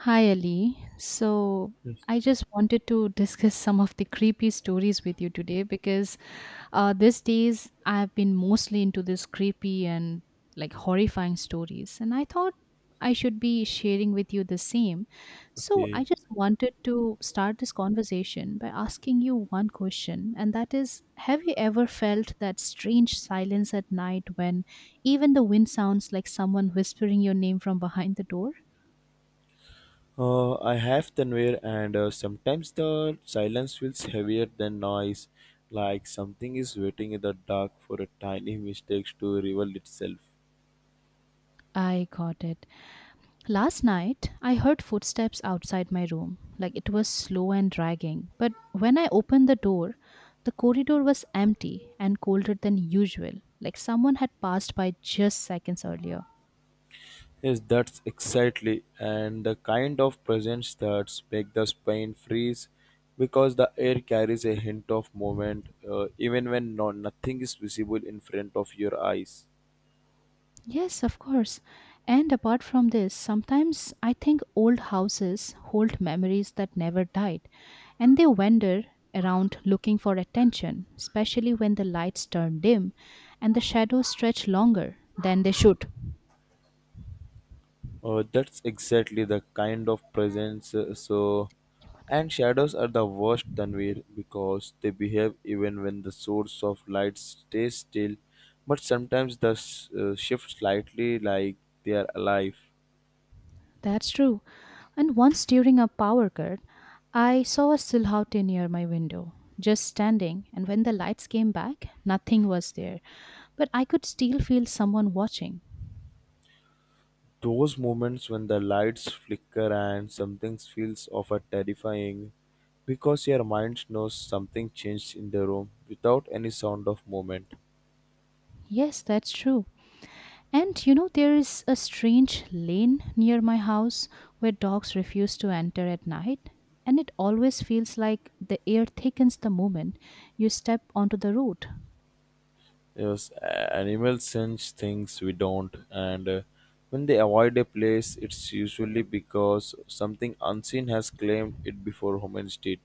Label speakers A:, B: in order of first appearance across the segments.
A: Hi, Ali. So,
B: Yes.
A: I just wanted to discuss some of the creepy stories with you today because these days I've been mostly into this creepy and like horrifying stories, and I thought I should be sharing with you the same. So, I
B: Okay.
A: just wanted to start this conversation by asking you one question, and that is, have you ever felt that strange silence at night when even the wind sounds like someone whispering your name from behind the door?
B: I have Tanvir, and sometimes the silence feels heavier than noise, like something is waiting in the dark for a tiny mistake to reveal itself.
A: I got it. Last night, I heard footsteps outside my room. Like it was slow and dragging. But when I opened the door, the corridor was empty and colder than usual. Like someone had passed by just seconds earlier.
B: Yes, that's exactly, and the kind of presence that makes the spine freeze, because the air carries a hint of movement, even when no, nothing is visible in front of your eyes.
A: Yes, of course. And apart from this, sometimes I think old houses hold memories that never died and they wander around looking for attention, especially when the lights turn dim and the shadows stretch longer than they should.
B: Oh, that's exactly the kind of presence. So, and shadows are the worst, Tanvir, because they behave even when the source of light stays still, but sometimes the shift slightly like they are alive.
A: That's true. And once during a power cut, I saw a silhouette near my window, just standing, and when the lights came back, nothing was there. But I could still feel someone watching.
B: Those moments when the lights flicker and something feels of a terrifying, because your mind knows something changed in the room without any sound of movement.
A: Yes, that's true. And you know, there is a strange lane near my house where dogs refuse to enter at night, and it always feels like the air thickens the moment you step onto the road.
B: Yes, animals sense things we don't, and when they avoid a place, it's usually because something unseen has claimed it before humans did.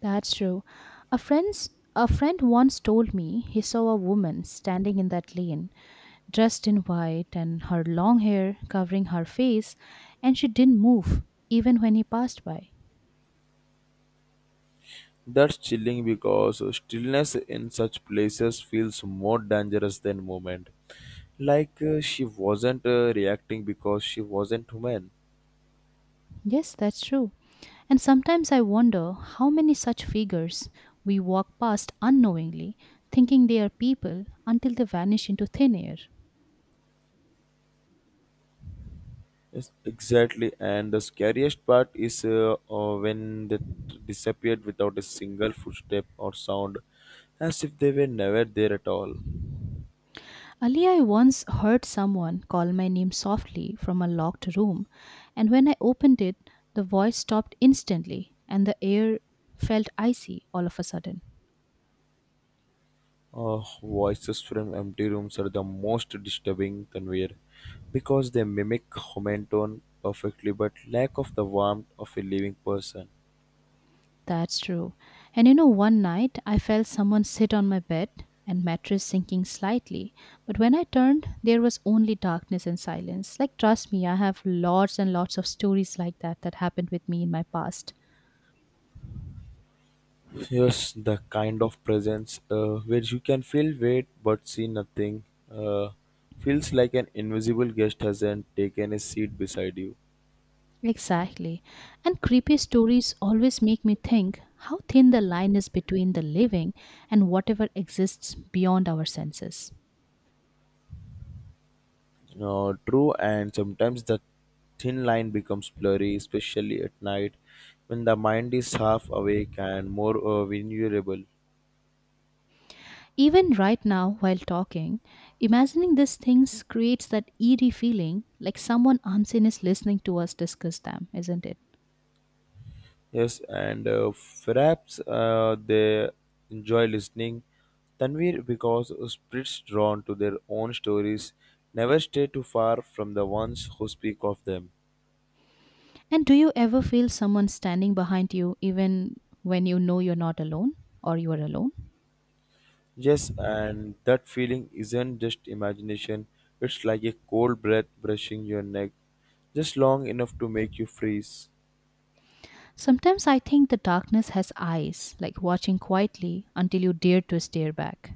A: That's true. A friend once told me he saw a woman standing in that lane, dressed in white and her long hair covering her face, and she didn't move even when he passed by.
B: That's chilling because stillness in such places feels more dangerous than movement. Like she wasn't reacting because she wasn't human.
A: Yes, that's true. And sometimes I wonder how many such figures we walk past unknowingly, thinking they are people until they vanish into thin air.
B: Yes, exactly. And the scariest part is when they disappeared without a single footstep or sound, as if they were never there at all.
A: Ali, I once heard someone call my name softly from a locked room, and when I opened it, the voice stopped instantly and the air felt icy all of a sudden.
B: Voices from empty rooms are the most disturbing conveyor because they mimic human tone perfectly but lack of the warmth of a living person.
A: That's true. And you know, one night I felt someone sit on my bed and mattress sinking slightly, but when I turned, there was only darkness and silence. Like, trust me, I have lots and lots of stories like that that happened with me in my past.
B: Yes, the kind of presence where you can feel weight but see nothing uh, feels like an invisible guest hasn't taken a seat beside you.
A: Exactly. And creepy stories always make me think how thin the line is between the living and whatever exists beyond our senses.
B: True, and sometimes the thin line becomes blurry, especially at night when the mind is half awake and more vulnerable.
A: Even right now, while talking, imagining these things creates that eerie feeling like someone unseen is listening to us discuss them, isn't it?
B: Yes, and perhaps they enjoy listening Tanvir because spirits drawn to their own stories never stray too far from the ones who speak of them.
A: And do you ever feel someone standing behind you even when you know you're not alone or you are alone?
B: Yes, and that feeling isn't just imagination, it's like a cold breath brushing your neck, just long enough to make you freeze.
A: Sometimes I think the darkness has eyes, like watching quietly until you dare to stare back.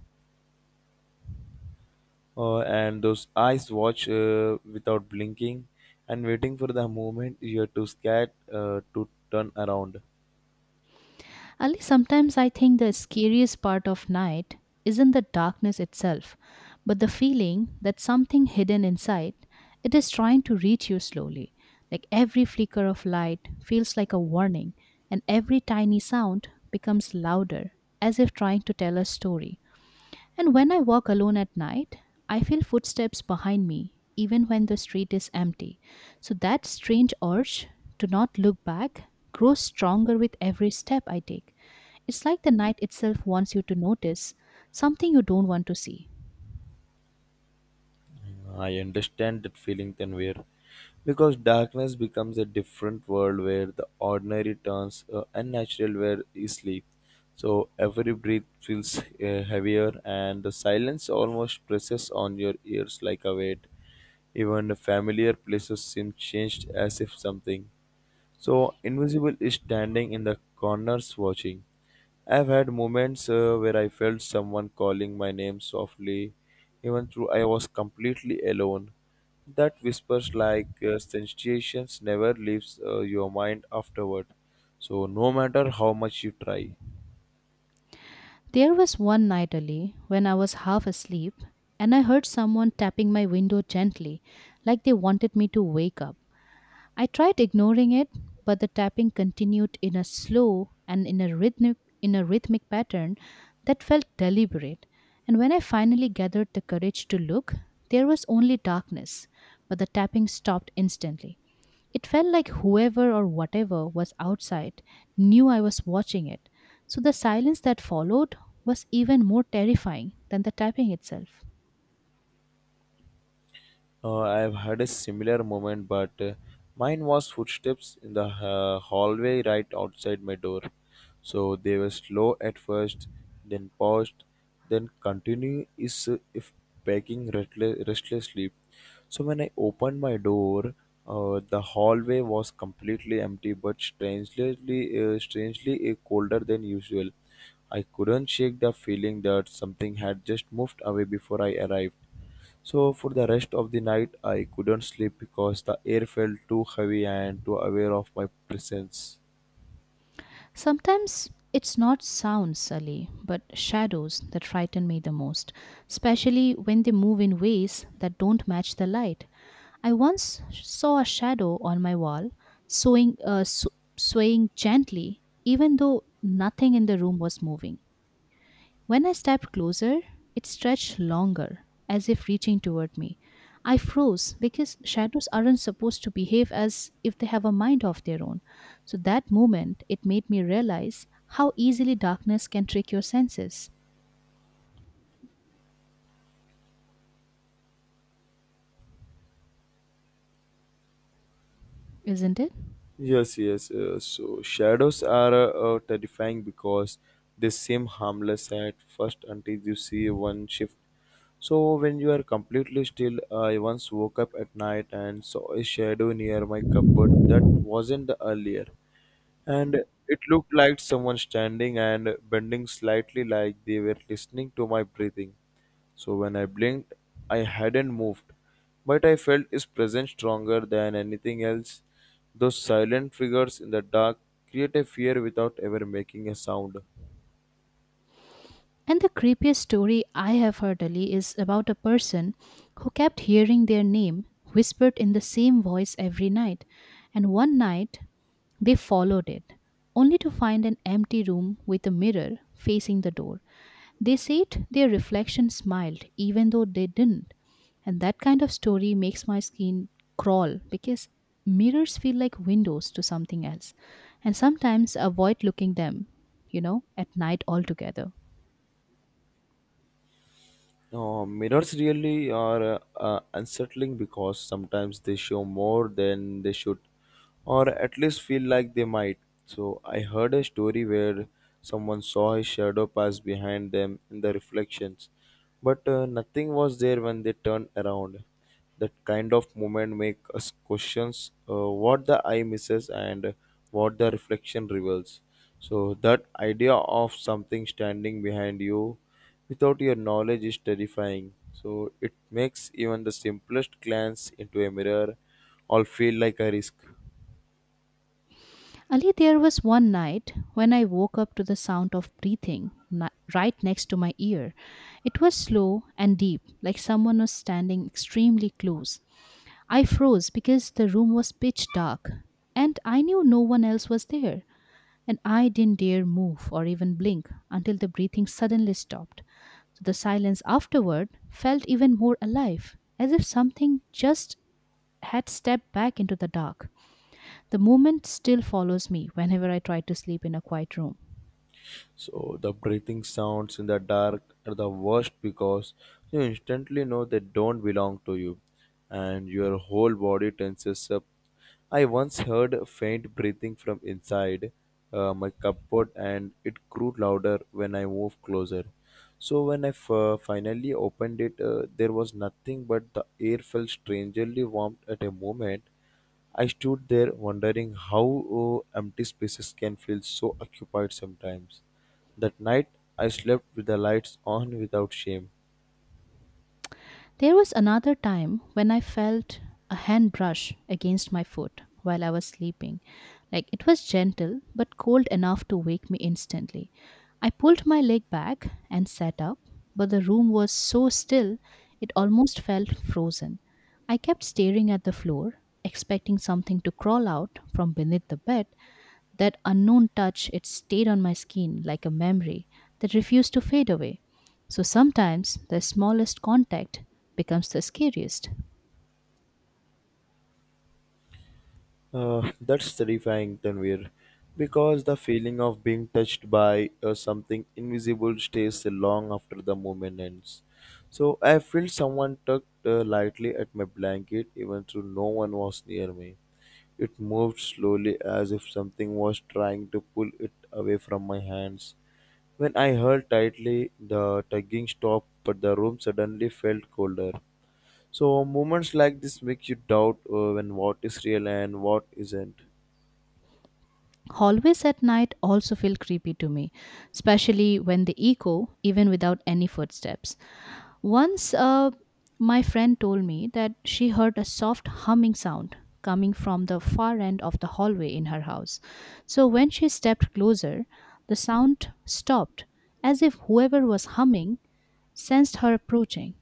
B: And those eyes watch without blinking and waiting for the moment you're too scared to turn around.
A: Ali, sometimes I think the scariest part of night isn't the darkness itself, but the feeling that something hidden inside it is trying to reach you slowly. Like every flicker of light feels like a warning, and every tiny sound becomes louder, as if trying to tell a story. And when I walk alone at night, I feel footsteps behind me, even when the street is empty. So that strange urge to not look back grows stronger with every step I take. It's like the night itself wants you to notice something you don't want to see.
B: I understand that feeling then where because darkness becomes a different world where the ordinary turns unnatural where you sleep. So every breath feels heavier and the silence almost presses on your ears like a weight. Even the familiar places seem changed as if something so invisible is standing in the corners watching. I've had moments where I felt someone calling my name softly, even though I was completely alone. That whispers like sensations never leaves your mind afterward. So no matter how much you try.
A: There was one night, Ali, when I was half asleep and I heard someone tapping my window gently, like they wanted me to wake up. I tried ignoring it, but the tapping continued in a slow and in a rhythmic pattern that felt deliberate. And when I finally gathered the courage to look, there was only darkness, but the tapping stopped instantly. It felt like whoever or whatever was outside knew I was watching it. So the silence that followed was even more terrifying than the tapping itself.
B: I've had a similar moment, but mine was footsteps in the hallway right outside my door. So they were slow at first, then paused, then continue is if packing restlessly. So when I opened my door, the hallway was completely empty, but strangely, uh, strangely colder than usual. I couldn't shake the feeling that something had just moved away before I arrived. So for the rest of the night, I couldn't sleep because the air felt too heavy and too aware of my presence.
A: Sometimes it's not sounds, Sully, but shadows that frighten me the most, especially when they move in ways that don't match the light. I once saw a shadow on my wall, swaying, swaying gently, even though nothing in the room was moving. When I stepped closer, it stretched longer, as if reaching toward me. I froze because shadows aren't supposed to behave as if they have a mind of their own. So that moment, it made me realize how easily darkness can trick your senses, isn't it?
B: Yes, yes. So shadows are terrifying because they seem harmless at first until you see one shift. So when you are completely still, I once woke up at night and saw a shadow near my cupboard that wasn't the earlier. And it looked like someone standing and bending slightly like they were listening to my breathing. So when I blinked, I hadn't moved, but I felt its presence stronger than anything else. Those silent figures in the dark create a fear without ever making a sound.
A: And the creepiest story I have heard, Ali, is about a person who kept hearing their name whispered in the same voice every night. And one night, they followed it, only to find an empty room with a mirror facing the door. They said their reflection smiled, even though they didn't. And that kind of story makes my skin crawl because mirrors feel like windows to something else. And sometimes avoid looking them, you know, at night altogether.
B: No, mirrors really are unsettling because sometimes they show more than they should, or at least feel like they might. So, I heard a story where someone saw his shadow pass behind them in the reflections, but nothing was there when they turned around. That kind of moment make us questions what the eye misses and what the reflection reveals. So that idea of something standing behind you without your knowledge is terrifying, so it makes even the simplest glance into a mirror all feel like a risk.
A: Ali, there was one night when I woke up to the sound of right next to my ear. It was slow and deep, like someone was standing extremely close. I froze because the room was pitch dark and I knew no one else was there. And I didn't dare move or even blink until the breathing suddenly stopped. So the silence afterward felt even more alive, as if something just had stepped back into the dark. The moment still follows me whenever I try to sleep in a quiet room.
B: So the breathing sounds in the dark are the worst because you instantly know they don't belong to you and your whole body tenses up. I once heard faint breathing from inside my cupboard and it grew louder when I moved closer. So when I finally opened it, there was nothing but the air felt strangely warm at a moment. I stood there wondering how empty spaces can feel so occupied sometimes. That night I slept with the lights on without shame.
A: There was another time when I felt a hand brush against my foot while I was sleeping. Like it was gentle but cold enough to wake me instantly. I pulled my leg back and sat up, but the room was so still it almost felt frozen. I kept staring at the floor, expecting something to crawl out from beneath the bed. That unknown touch, it stayed on my skin like a memory that refused to fade away. So sometimes the smallest contact becomes the scariest.
B: That's terrifying, Tanvir, because the feeling of being touched by something invisible stays long after the moment ends. So I felt someone tugged lightly at my blanket, even though no one was near me. It moved slowly as if something was trying to pull it away from my hands. When I held tightly, the tugging stopped, but the room suddenly felt colder. So moments like this make you doubt when what is real and what isn't.
A: Hallways at night also feel creepy to me, especially when they echo even without any footsteps. Once my friend told me that she heard a soft humming sound coming from the far end of the hallway in her house. So when she stepped closer, the sound stopped as if whoever was humming sensed her approaching.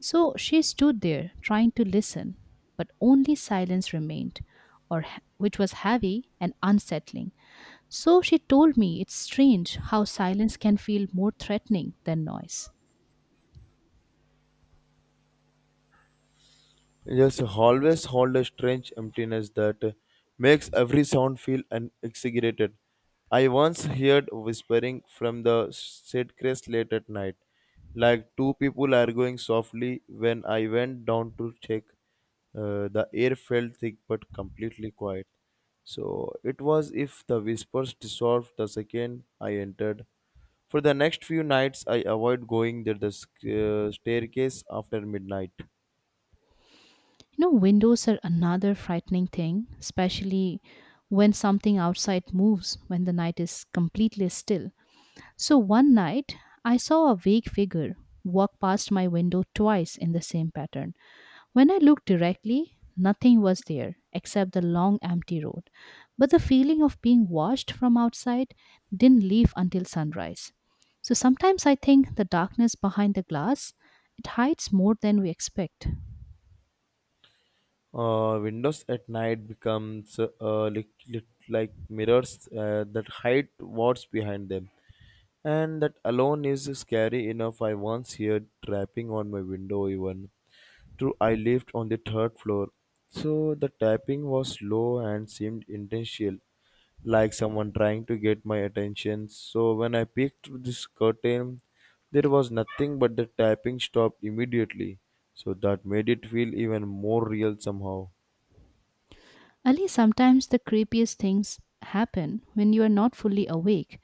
A: So she stood there, trying to listen, but only silence remained, which was heavy and unsettling. So she told me it's strange how silence can feel more threatening than noise.
B: Yes, always hold a strange emptiness that makes every sound feel unexaggerated. I once heard whispering from the staircase late at night, like two people arguing softly. When I went down to check, the air felt thick but completely quiet. So it was if the whispers dissolved the second I entered. For the next few nights, I avoid going to the staircase after midnight.
A: You know, windows are another frightening thing, especially when something outside moves when the night is completely still. So one night, I saw a vague figure walk past my window twice in the same pattern. When I looked directly, nothing was there except the long empty road. But the feeling of being watched from outside didn't leave until sunrise. So sometimes I think the darkness behind the glass, it hides more than we expect.
B: Windows at night becomes lit like mirrors that hide what's behind them. And that alone is scary enough. I once heard tapping on my window, even though I lived on the third floor, so the tapping was slow and seemed intentional like someone trying to get my attention. So when I peeked through this curtain, there was nothing but the tapping stopped immediately. So that made it feel even more real somehow.
A: Ali, sometimes the creepiest things happen when you are not fully awake,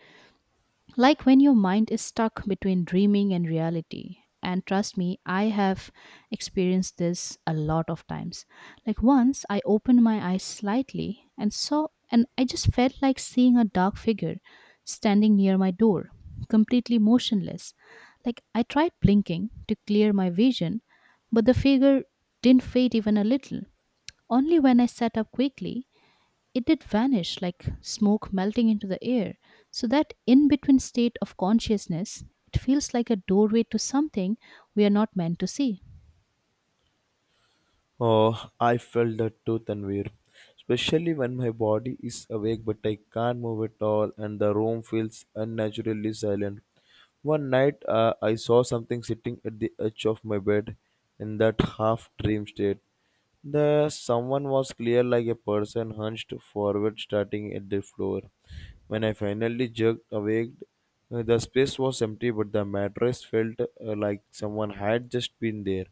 A: like when your mind is stuck between dreaming and reality, and trust me, I have experienced this a lot of times. Like once I opened my eyes slightly and saw, and I just felt like seeing a dark figure standing near my door, completely motionless. Like I tried blinking to clear my vision, but the figure didn't fade even a little. Only when I sat up quickly it did vanish like smoke melting into the air. So, that in between state of consciousness, it feels like a doorway to something we are not meant to see.
B: Oh, I felt that too, Tanvir. Especially when my body is awake but I can't move at all and the room feels unnaturally silent. One night I saw something sitting at the edge of my bed in that half dream state. The someone was clear like a person hunched forward starting at the floor. When I finally jerked awake, the space was empty but the mattress felt like someone had just been there.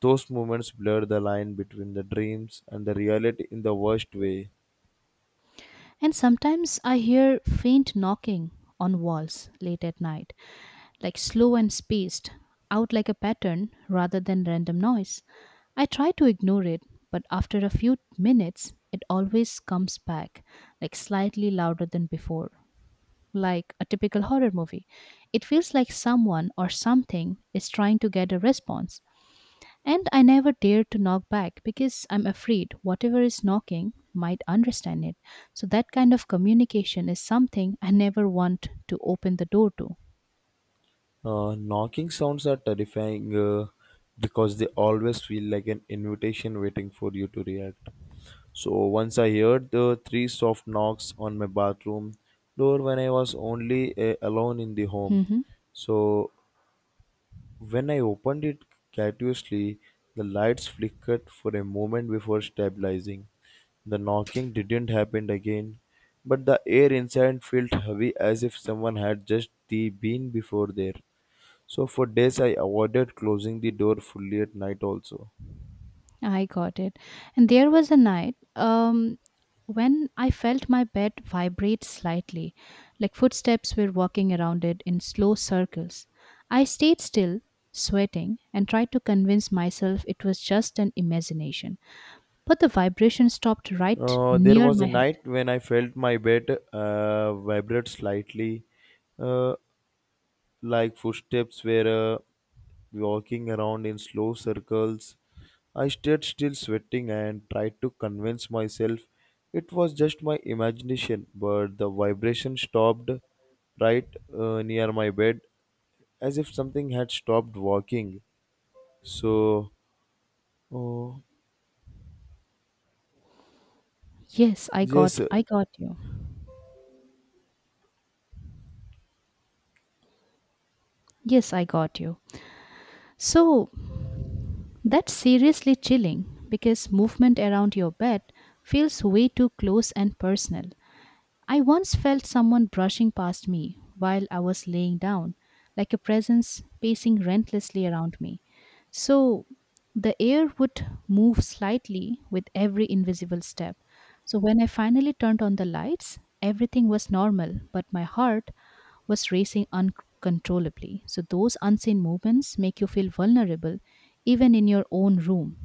B: Those moments blur the line between the dreams and the reality in the worst way.
A: And sometimes I hear faint knocking on walls late at night, like slow and spaced out, like a pattern rather than random noise. I try to ignore it, but after a few minutes, it always comes back, like slightly louder than before. Like a typical horror movie. It feels like someone or something is trying to get a response. And I never dare to knock back because I'm afraid whatever is knocking might understand it. So that kind of communication is something I never want to open the door to.
B: Knocking sounds are terrifying because they always feel like an invitation waiting for you to react. So once I heard the three soft knocks on my bathroom door when I was only alone in the home.
A: Mhm.
B: So when I opened it cautiously, the lights flickered for a moment before stabilizing. The knocking didn't happen again, but the air inside felt heavy as if someone had just the been before there. So for days I avoided closing the door fully at night also.
A: I got it. And there was a night when I felt my bed vibrate slightly, like footsteps were walking around it in slow circles. I stayed still, sweating, and tried to convince myself it was just an imagination. But the vibration stopped right
B: There
A: near
B: was a
A: my head.
B: night when I felt my bed vibrate slightly. Uh, like footsteps were walking around in slow circles. I stayed still, sweating, and tried to convince myself it was just my imagination, but the vibration stopped right near my bed as if something had stopped walking. So, oh,
A: Yes, I got
B: yes,
A: I got you. Yes, I got you. So, that's seriously chilling because movement around your bed feels way too close and personal. I once felt someone brushing past me while I was laying down, like a presence pacing relentlessly around me. So the air would move slightly with every invisible step. So when I finally turned on the lights, everything was normal, but my heart was racing uncontrollably. So those unseen movements make you feel vulnerable, even in your own room.